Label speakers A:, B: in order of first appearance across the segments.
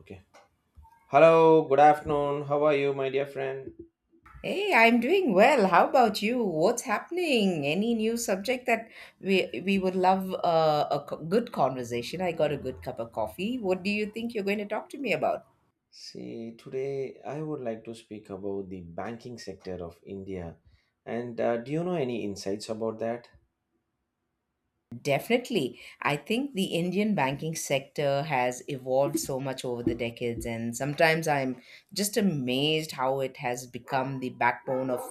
A: Okay. Hello, good afternoon. How are you, my dear friend?
B: Hey, I'm doing well. How about you? What's happening? Any new subject that we we would love a good conversation? I got a good cup of coffee. What do you think you're going to talk to me about?
A: See, today I would like to speak about the banking sector of India. And do you know any insights about that?
B: Definitely. I think the Indian banking sector has evolved so much over the decades, and sometimes I'm just amazed how it has become the backbone of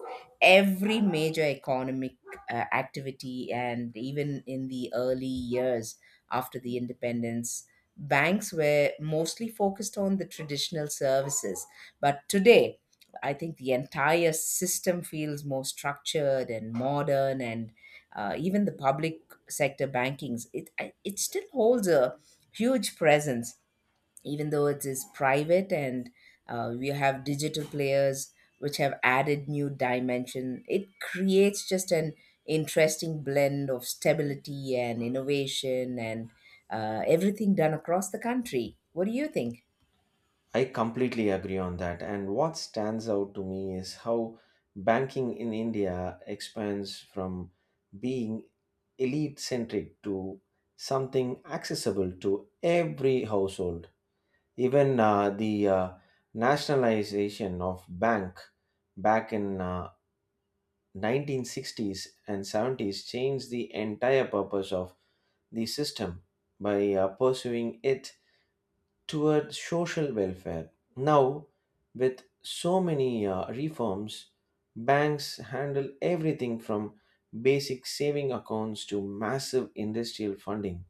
B: every major economic activity. And even in the early years after the independence, banks were mostly focused on the traditional services. But today, I think the entire system feels more structured and modern, and even the public sector bankings, it still holds a huge presence, even though it is private, and we have digital players which have added new dimension. It creates just an interesting blend of stability and innovation, and everything done across the country. What do you think?
A: I completely agree on that. And what stands out to me is how banking in India expands from being elite centric to something accessible to every household. Even the nationalization of bank back in 1960s and 70s changed the entire purpose of the system by pursuing it toward social welfare. Now, with so many reforms, banks handle everything from basic saving accounts to massive industrial funding.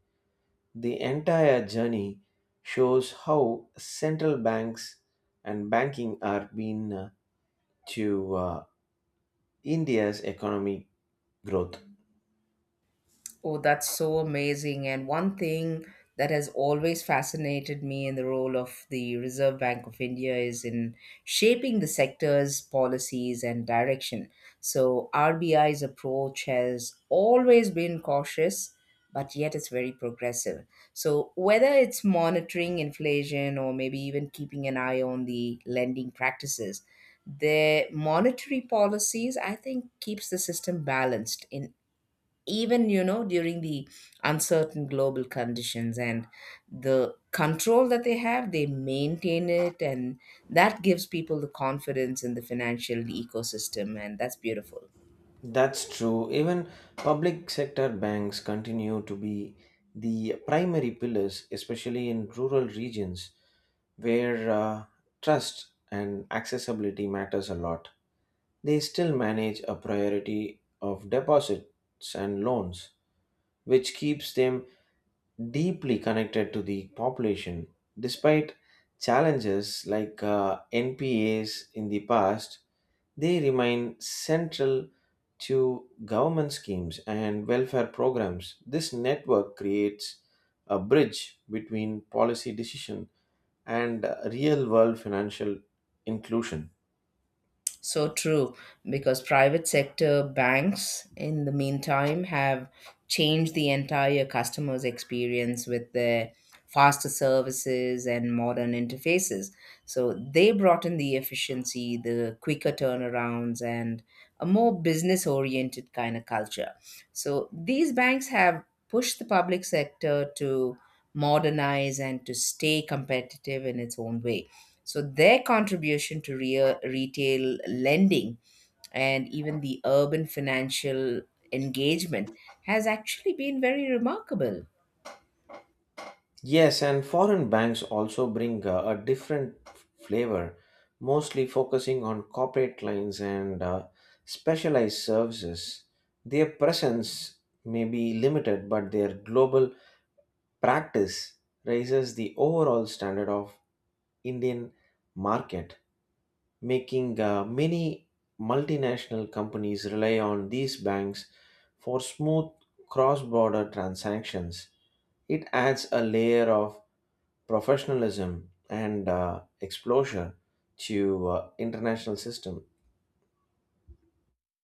A: The entire journey shows how central banks and banking are being to India's economic growth.
B: Oh, that's so amazing. And one thing that has always fascinated me in the role of the Reserve Bank of India is in shaping the sector's policies and direction. So, RBI's approach has always been cautious, but yet it's very progressive. So, whether it's monitoring inflation or maybe even keeping an eye on the lending practices, their monetary policies, I think, keeps the system balanced in, even during the uncertain global conditions, and the control that they have they maintain it, and that gives people the confidence in the financial ecosystem, and that's beautiful.
A: That's true. Even public sector banks continue to be the primary pillars, especially in rural regions where trust and accessibility matters a lot. They still manage a priority of deposits and loans, which keeps them deeply connected to the population. Despite challenges like NPAs in the past, they remain central to government schemes and welfare programs. This network creates a bridge between policy decision and real world financial inclusion.
B: So true, because private sector banks, in the meantime, have changed the entire customer's experience with their faster services and modern interfaces. So they brought in the efficiency, the quicker turnarounds, and a more business oriented kind of culture. So these banks have pushed the public sector to modernize and to stay competitive in its own way. So their contribution to retail lending and even the urban financial engagement has actually been very remarkable.
A: Yes, and foreign banks also bring a different flavor, mostly focusing on corporate lines and specialized services. Their presence may be limited, but their global practice raises the overall standard of Indian market, making many multinational companies rely on these banks for smooth cross-border transactions. It adds a layer of professionalism and exposure to international system.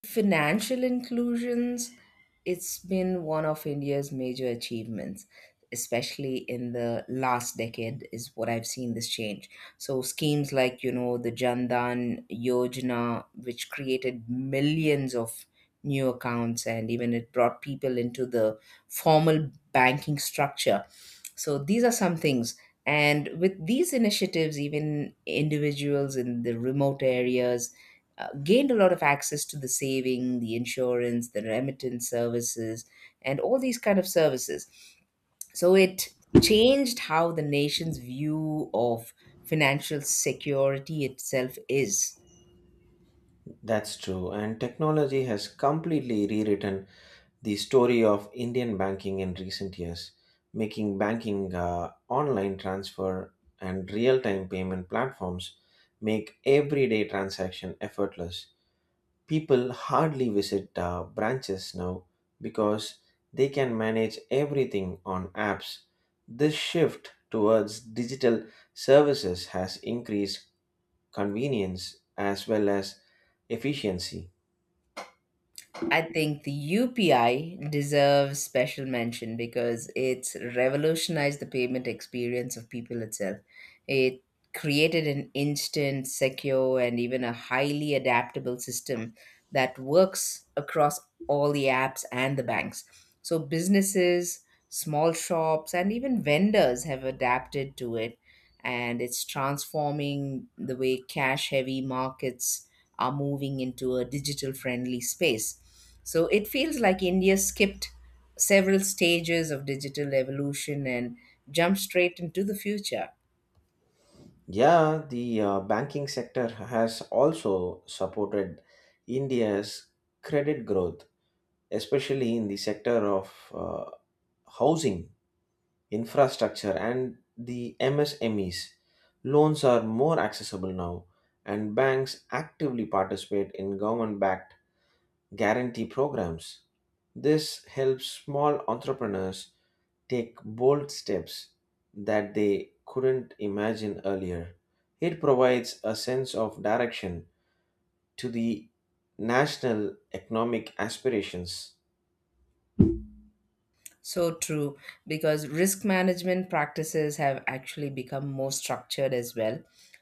B: Financial inclusions, it's been one of India's major achievements, especially in the last decade is what I've seen this change. So schemes like, the Jandan Yojana, which created millions of new accounts and even it brought people into the formal banking structure. So these are some things, and with these initiatives even individuals in the remote areas gained a lot of access to the saving, the insurance, the remittance services, and all these kind of services. So it changed how the nation's view of financial security itself is.
A: That's true, and technology has completely rewritten the story of Indian banking in recent years, making banking online transfer and real-time payment platforms make everyday transaction effortless. People hardly visit branches now because they can manage everything on apps. This shift towards digital services has increased convenience as well as efficiency.
B: I think the UPI deserves special mention because it's revolutionized the payment experience of people itself. It created an instant, secure, and even a highly adaptable system that works across all the apps and the banks. So businesses, small shops, and even vendors have adapted to it, and it's transforming the way cash heavy markets are moving into a digital friendly space. So it feels like India skipped several stages of digital evolution and jumped straight into the future.
A: Yeah, the banking sector has also supported India's credit growth, especially in the sector of housing, infrastructure and the MSMEs. Loans are more accessible now, and banks actively participate in government backed guarantee programs. This helps small entrepreneurs take bold steps that they couldn't imagine earlier. It provides a sense of direction to the national economic aspirations.
B: So true, because risk management practices have actually become more structured as well.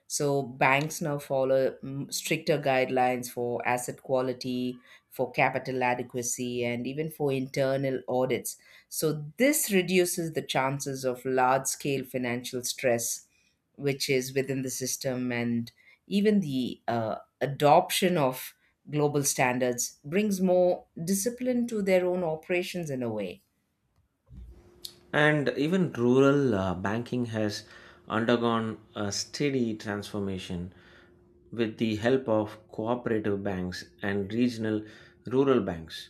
B: So banks now follow stricter guidelines for asset quality, for capital adequacy, and even for internal audits. So this reduces the chances of large scale financial stress, which is within the system, and even the adoption of global standards brings more discipline to their own operations in a way.
A: And even rural banking has undergone a steady transformation with the help of cooperative banks and regional rural banks.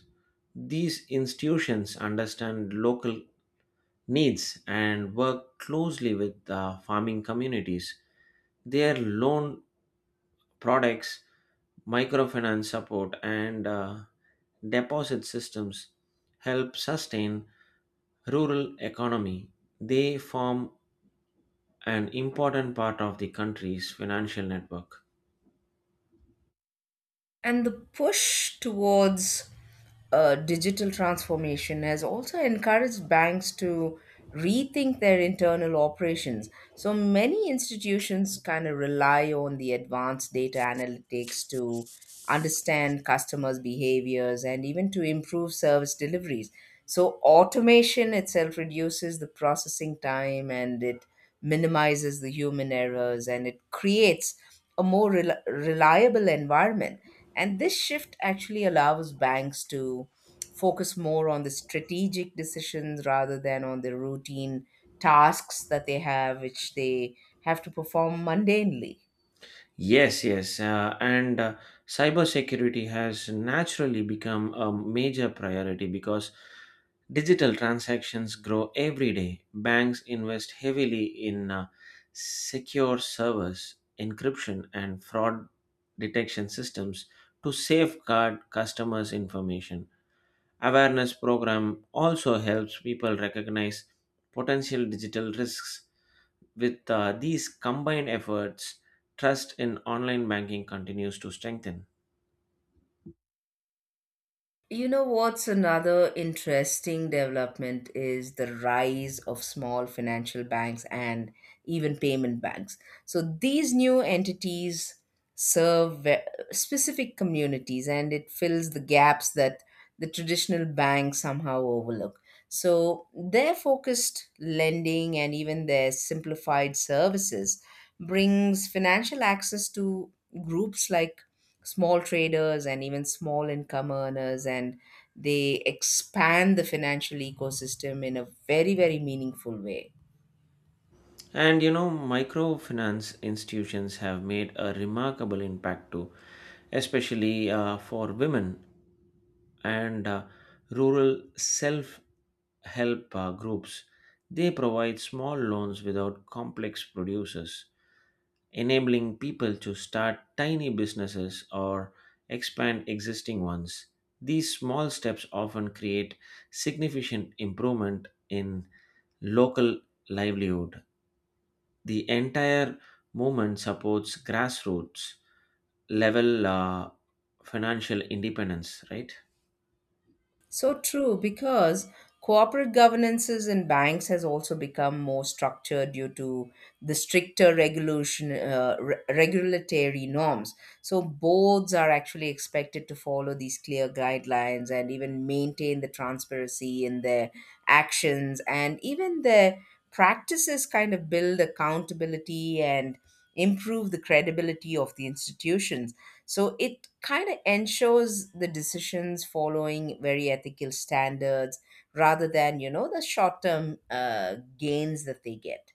A: These institutions understand local needs and work closely with farming communities. Their loan products, microfinance support, and deposit systems help sustain rural economy. They form an important part of the country's financial network.
B: And the push towards digital transformation has also encouraged banks to rethink their internal operations. So many institutions kind of rely on the advanced data analytics to understand customers' behaviors and even to improve service deliveries. So automation itself reduces the processing time, and it minimizes the human errors, and it creates a more reliable environment. And this shift actually allows banks to focus more on the strategic decisions rather than on the routine tasks that they have, which they have to perform mundanely.
A: Yes, yes, and cybersecurity has naturally become a major priority because digital transactions grow every day. Banks invest heavily in secure servers, encryption, and fraud detection systems to safeguard customers' information. Awareness program also helps people recognize potential digital risks. With these combined efforts, trust in online banking continues to strengthen.
B: You know what's another interesting development is the rise of small financial banks and even payment banks. So these new entities serve specific communities, and it fills the gaps that the traditional banks somehow overlook. So their focused lending and even their simplified services brings financial access to groups like small traders and even small income earners, and they expand the financial ecosystem in a very, very meaningful way.
A: And you know, microfinance institutions have made a remarkable impact too, especially for women and rural self help groups. They provide small loans without complex producers, enabling people to start tiny businesses or expand existing ones. These small steps often create significant improvement in local livelihood. The entire movement supports grassroots level financial independence, right?
B: So true, because corporate governances in banks has also become more structured due to the stricter regulation, regulatory norms. So boards are actually expected to follow these clear guidelines and even maintain the transparency in their actions, and even their practices kind of build accountability and improve the credibility of the institutions. So it kind of ensures the decisions following very ethical standards rather than the short term gains that they get.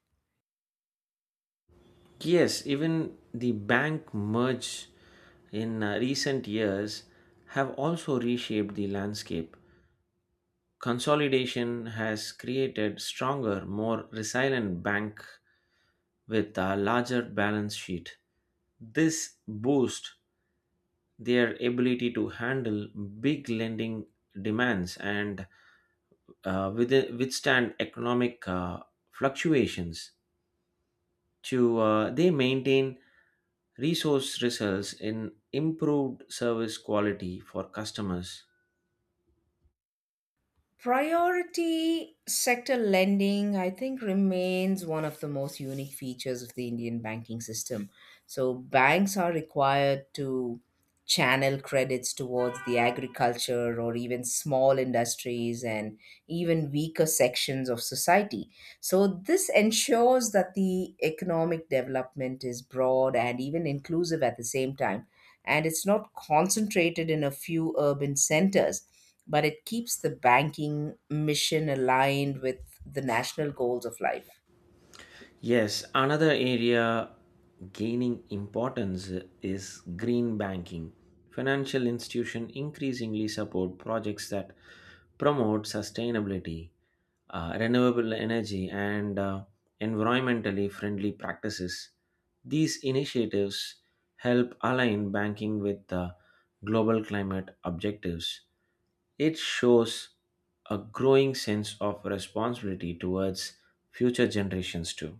A: Yes, even the bank merge in recent years have also reshaped the landscape. Consolidation has created stronger, more resilient bank with a larger balance sheet. This boosts their ability to handle big lending demands and uh, with- withstand economic fluctuations. To they maintain resource results in improved service quality for customers.
B: Priority sector lending, I think, remains one of the most unique features of the Indian banking system. So, banks are required to channel credits towards the agriculture or even small industries and even weaker sections of society. So, this ensures that the economic development is broad and even inclusive at the same time, and it's not concentrated in a few urban centers, but it keeps the banking mission aligned with the national goals of life.
A: Yes, another area gaining importance is green banking. Financial institutions increasingly support projects that promote sustainability, renewable energy, and environmentally friendly practices. These initiatives help align banking with global climate objectives. It shows a growing sense of responsibility towards future generations, too.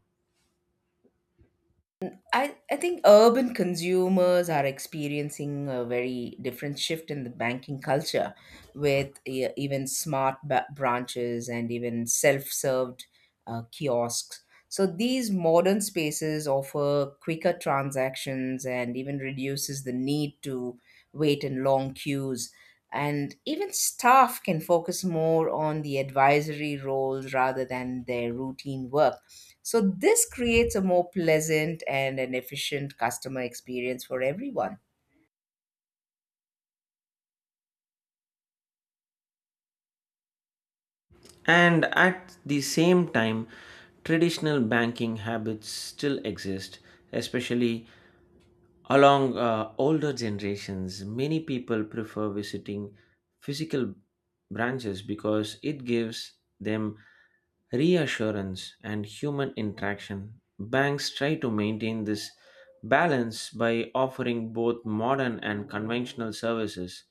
B: I think urban consumers are experiencing a very different shift in the banking culture with even smart branches and even self served kiosks. So these modern spaces offer quicker transactions and even reduces the need to wait in long queues. And even staff can focus more on the advisory roles rather than their routine work. So this creates a more pleasant and an efficient customer experience for everyone.
A: And at the same time, traditional banking habits still exist, especially along older generations. Many people prefer visiting physical branches because it gives them reassurance and human interaction. Banks try to maintain this balance by offering both modern and conventional services.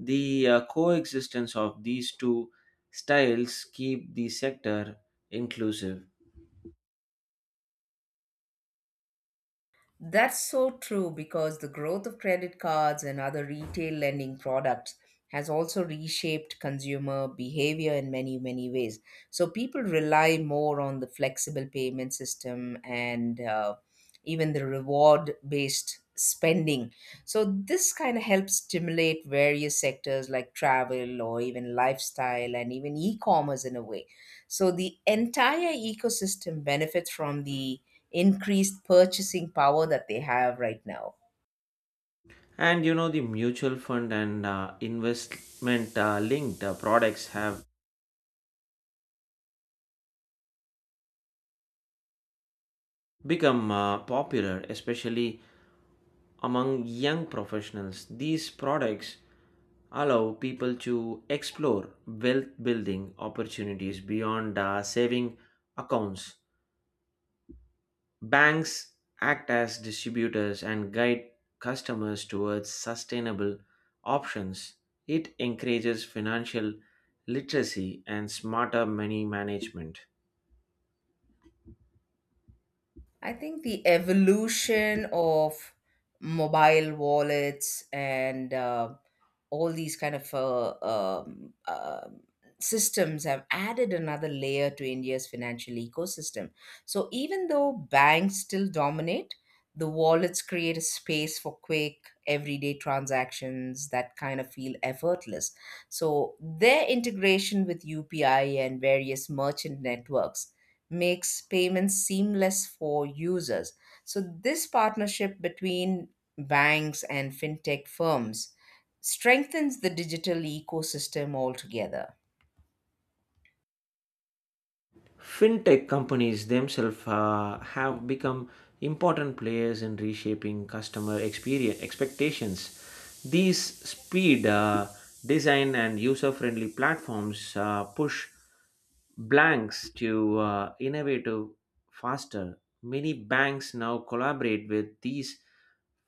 A: The coexistence of these two styles keep the sector inclusive.
B: That's so true because the growth of credit cards and other retail lending products has also reshaped consumer behavior in many, many ways. So people rely more on the flexible payment system and even the reward based spending. So this kind of helps stimulate various sectors like travel or even lifestyle and even e commerce in a way. So the entire ecosystem benefits from the increased purchasing power that they have right now.
A: And you know the mutual fund and investment linked products have become popular, especially among young professionals. These products allow people to explore wealth building opportunities beyond saving accounts. Banks act as distributors and guide customers towards sustainable options. It encourages financial literacy and smarter money management.
B: I think the evolution of mobile wallets and all these kind of systems have added another layer to India's financial ecosystem. So even though banks still dominate, the wallets create a space for quick, everyday transactions that kind of feel effortless. So their integration with UPI and various merchant networks makes payments seamless for users. So, this partnership between banks and fintech firms strengthens the digital ecosystem altogether.
A: Fintech companies themselves have become important players in reshaping customer experience expectations. These speed, design, and user-friendly platforms push blanks to innovative faster. Many banks now collaborate with these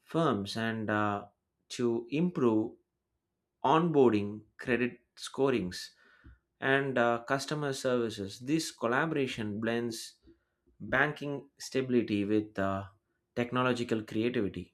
A: firms and to improve onboarding, credit scorings, and customer services. This collaboration blends banking stability with technological creativity.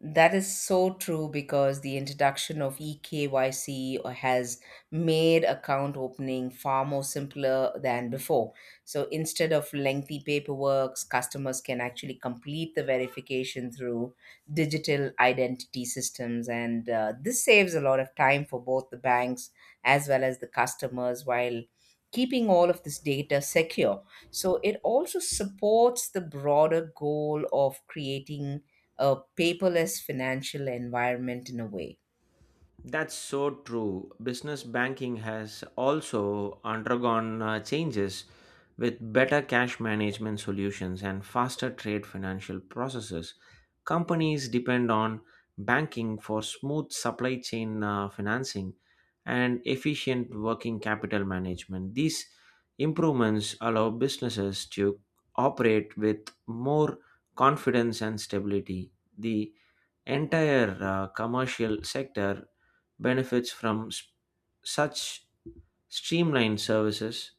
B: That is so true because the introduction of eKYC has made account opening far more simpler than before. So instead of lengthy paperwork, customers can actually complete the verification through digital identity systems. And this saves a lot of time for both the banks as well as the customers while keeping all of this data secure. So it also supports the broader goal of creating a paperless financial environment in a way.
A: That's so true. Business banking has also undergone changes with better cash management solutions and faster trade financial processes. Companies depend on banking for smooth supply chain financing and efficient working capital management. These improvements allow businesses to operate with more confidence and stability. The entire commercial sector benefits from such streamlined services.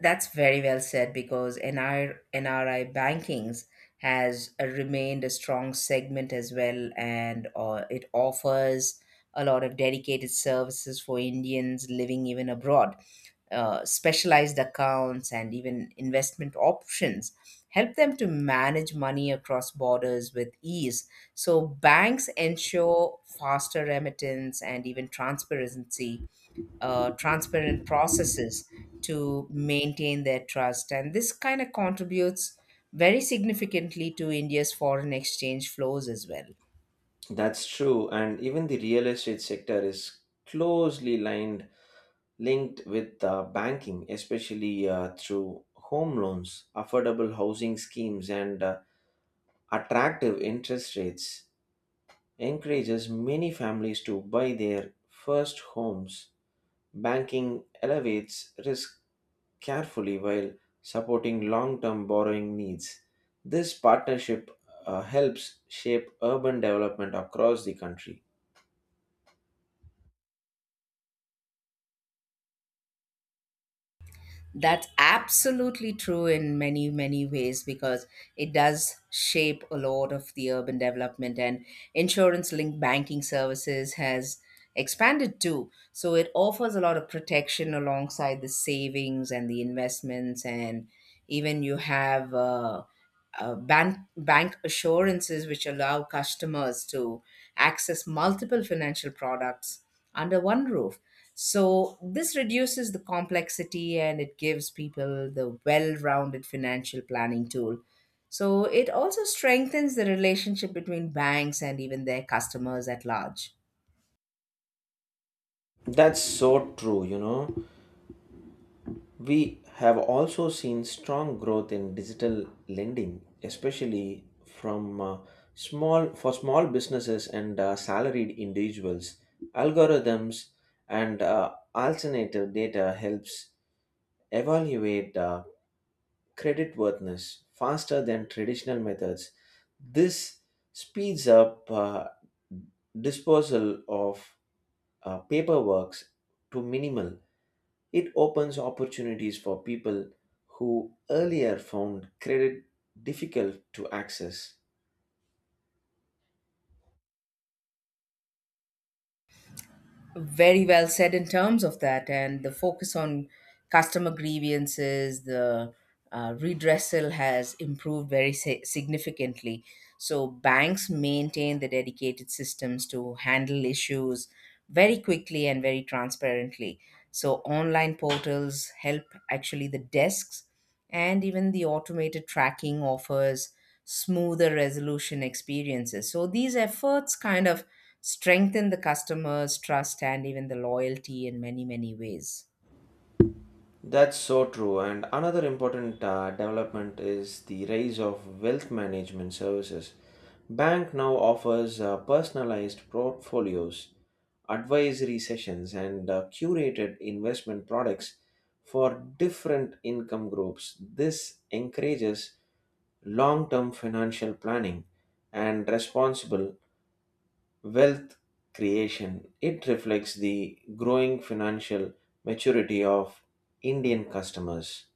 B: That's very well said because NRNRI bankings has remained a strong segment as well, and it offers a lot of dedicated services for Indians living even abroad. Specialized accounts and even investment options help them to manage money across borders with ease. So banks ensure faster remittance and even transparency transparent processes to maintain their trust. And this kind of contributes very significantly to India's foreign exchange flows as well.
A: That's true, and even the real estate sector is closely lined linked with banking, especially through home loans, affordable housing schemes and attractive interest rates encourages many families to buy their first homes. Banking elevates risk carefully while supporting long term borrowing needs. This partnership helps shape urban development across the country.
B: That's absolutely true in many, many ways because it does shape a lot of the urban development, and insurance linked banking services has expanded too. So it offers a lot of protection alongside the savings and the investments, and even you have bank assurances which allow customers to access multiple financial products under one roof. So this reduces the complexity, and it gives people the well-rounded financial planning tool. So it also strengthens the relationship between banks and even their customers at large.
A: That's so true, you know. We have also seen strong growth in digital lending, especially from small for small businesses and salaried individuals. Algorithms and alternative data helps evaluate creditworthiness faster than traditional methods. This speeds up disposal of paperwork to minimal. It opens opportunities for people who earlier found credit difficult to access.
B: Very well said in terms of that, and the focus on customer grievances, the redressal has improved very significantly. So banks maintain the dedicated systems to handle issues very quickly and very transparently. So online portals help actually the desks, and even the automated tracking offers smoother resolution experiences. So these efforts kind of strengthen the customer's trust and even the loyalty in many, many ways.
A: That's so true. And another important development is the rise of wealth management services. Bank now offers personalized portfolios, advisory sessions, and curated investment products for different income groups. This encourages long-term financial planning and responsible wealth creation. It reflects the growing financial maturity of Indian customers.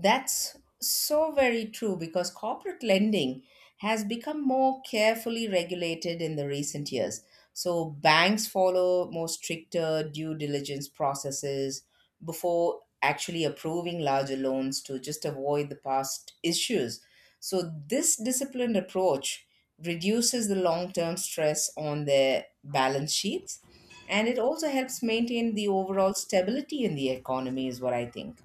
B: That's so very true because corporate lending has become more carefully regulated in the recent years. So banks follow more stricter due diligence processes before actually approving larger loans to just avoid the past issues. So this disciplined approach reduces the long-term stress on their balance sheets, and it also helps maintain the overall stability in the economy is what I think.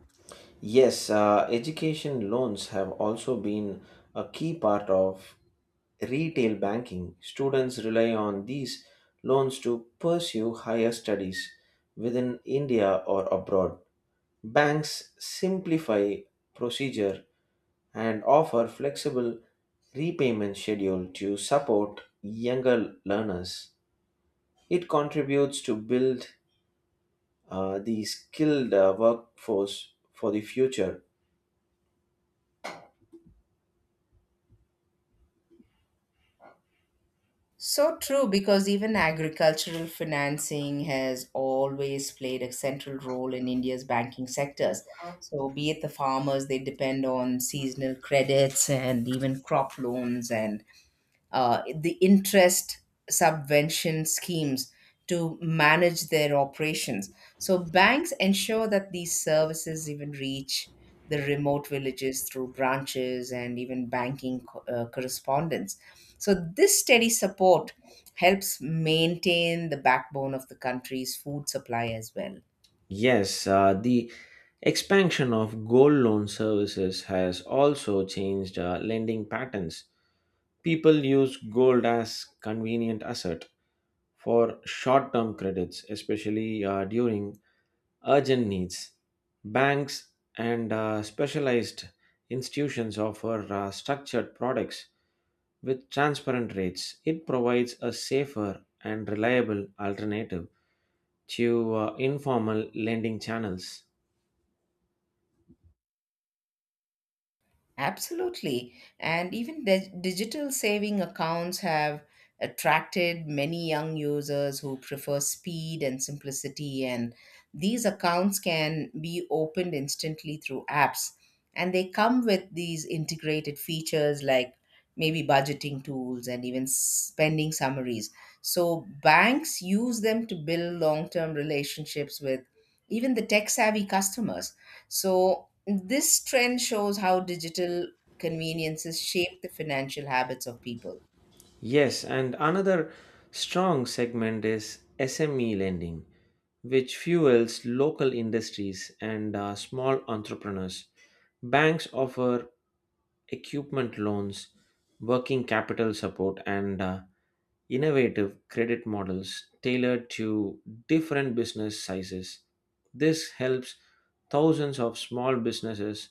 A: Yes, education loans have also been a key part of retail banking. Students rely on these loans to pursue higher studies within India or abroad. Banks simplify procedure and offer flexible repayment schedule to support younger learners. It contributes to build the skilled workforce for the future.
B: So true, because even agricultural financing has always played a central role in India's banking sectors. So, be it the farmers, they depend on seasonal credits and even crop loans, and the interest subvention schemes to manage their operations. So banks ensure that these services even reach the remote villages through branches and even banking correspondence. So this steady support helps maintain the backbone of the country's food supply as well.
A: Yes, the expansion of gold loan services has also changed lending patterns. People use gold as convenient asset for short-term credits, especially during urgent needs. Banks and specialized institutions offer structured products with transparent rates. It provides a safer and reliable alternative to informal lending channels.
B: Absolutely. And even digital saving accounts have attracted many young users who prefer speed and simplicity. And these accounts can be opened instantly through apps. And they come with these integrated features like maybe budgeting tools and even spending summaries. So banks use them to build long term relationships with even the tech savvy customers. So, this trend shows how digital conveniences shape the financial habits of people.
A: Yes, and another strong segment is SME lending, which fuels local industries and small entrepreneurs. Banks offer equipment loans, working capital support, and innovative credit models tailored to different business sizes. This helps thousands of small businesses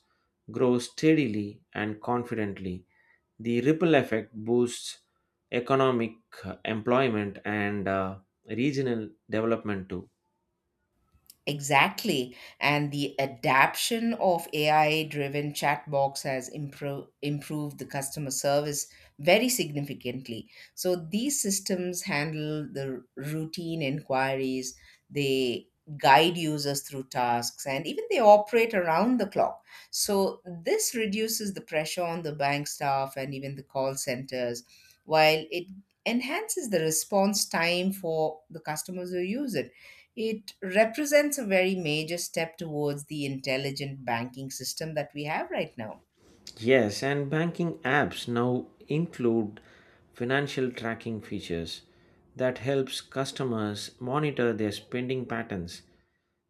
A: grow steadily and confidently. The ripple effect boosts economic employment and regional development too.
B: Exactly. And the adaption of AI driven chat box has improved the customer service very significantly. So these systems handle the routine inquiries, they guide users through tasks, and even they operate around the clock. So this reduces the pressure on the bank staff and even the call centers, while it enhances the response time for the customers who use it. It represents a very major step towards the intelligent banking system that we have right now.
A: Yes, and banking apps now include financial tracking features that helps customers monitor their spending patterns.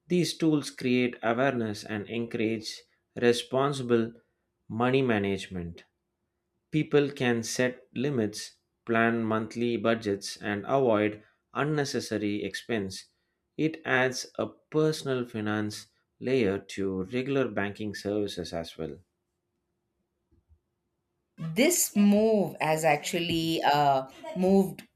A: These tools create awareness and encourage responsible money management. People can set limits, plan monthly budgets, and avoid unnecessary expense. It adds a personal finance layer to regular banking services as well.
B: This move has actually moved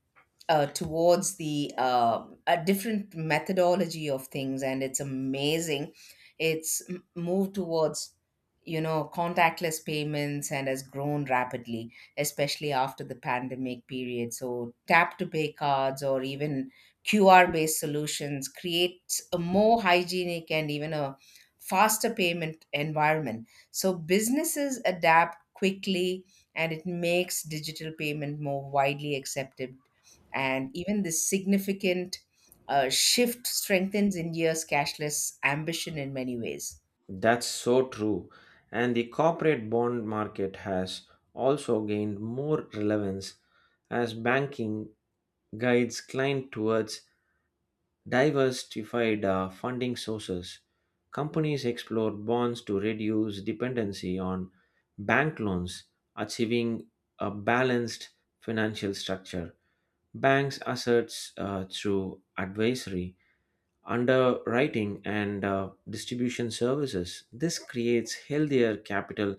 B: towards the a different methodology of things, and it's amazing. It's moved towards, contactless payments, and has grown rapidly especially after the pandemic period. So tap to pay cards or even QR based solutions creates a more hygienic and even a faster payment environment. So businesses adapt quickly, and it makes digital payment more widely accepted, and even this significant shift strengthens India's cashless ambition in many ways.
A: That's so true. And the corporate bond market has also gained more relevance as banking guides clients towards diversified funding sources. Companies explore bonds to reduce dependency on bank loans, achieving a balanced financial structure. Banks assets through advisory underwriting and distribution services. This creates healthier capital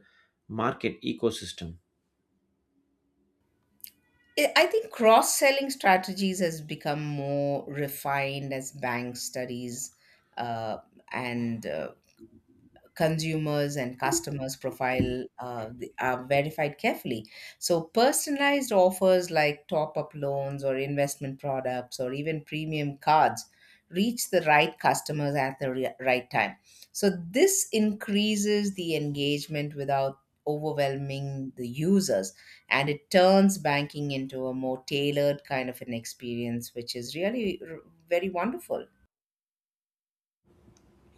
A: market ecosystem.
B: I think cross selling strategies has become more refined as bank studies uh, and consumers and customers profile are verified carefully. So, personalized offers like top up loans or investment products or even premium cards reach the right customers at the right time. So, this increases the engagement without overwhelming the users, and it turns banking into a more tailored kind of an experience, which is really very wonderful.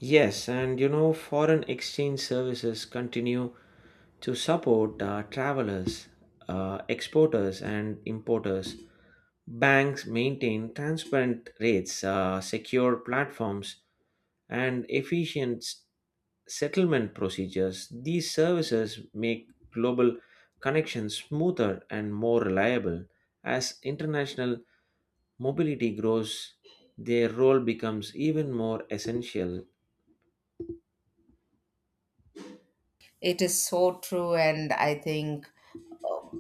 A: Yes, and you know foreign exchange services continue to support travelers, exporters and importers. Banks maintain transparent rates, secure platforms and efficient settlement procedures. These services make global connections smoother and more reliable. As international mobility grows, their role becomes even more essential.
B: It is so true, and I think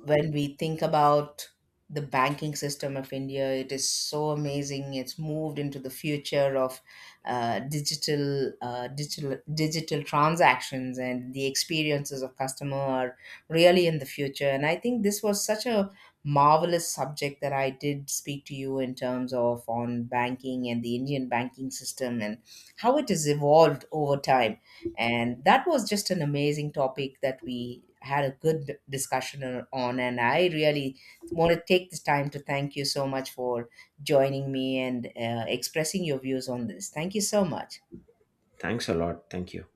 B: when we think about the banking system of India, it is so amazing. It's moved into the future of digital transactions, and the experiences of customer are really in the future. And I think this was such a marvelous subject that I did speak to you in terms of on banking and the Indian banking system and how it has evolved over time. And that was just an amazing topic that we had a good discussion on. And I really want to take this time to thank you so much for joining me, and expressing your views on this. Thank you so much.
A: Thanks a lot. Thank you.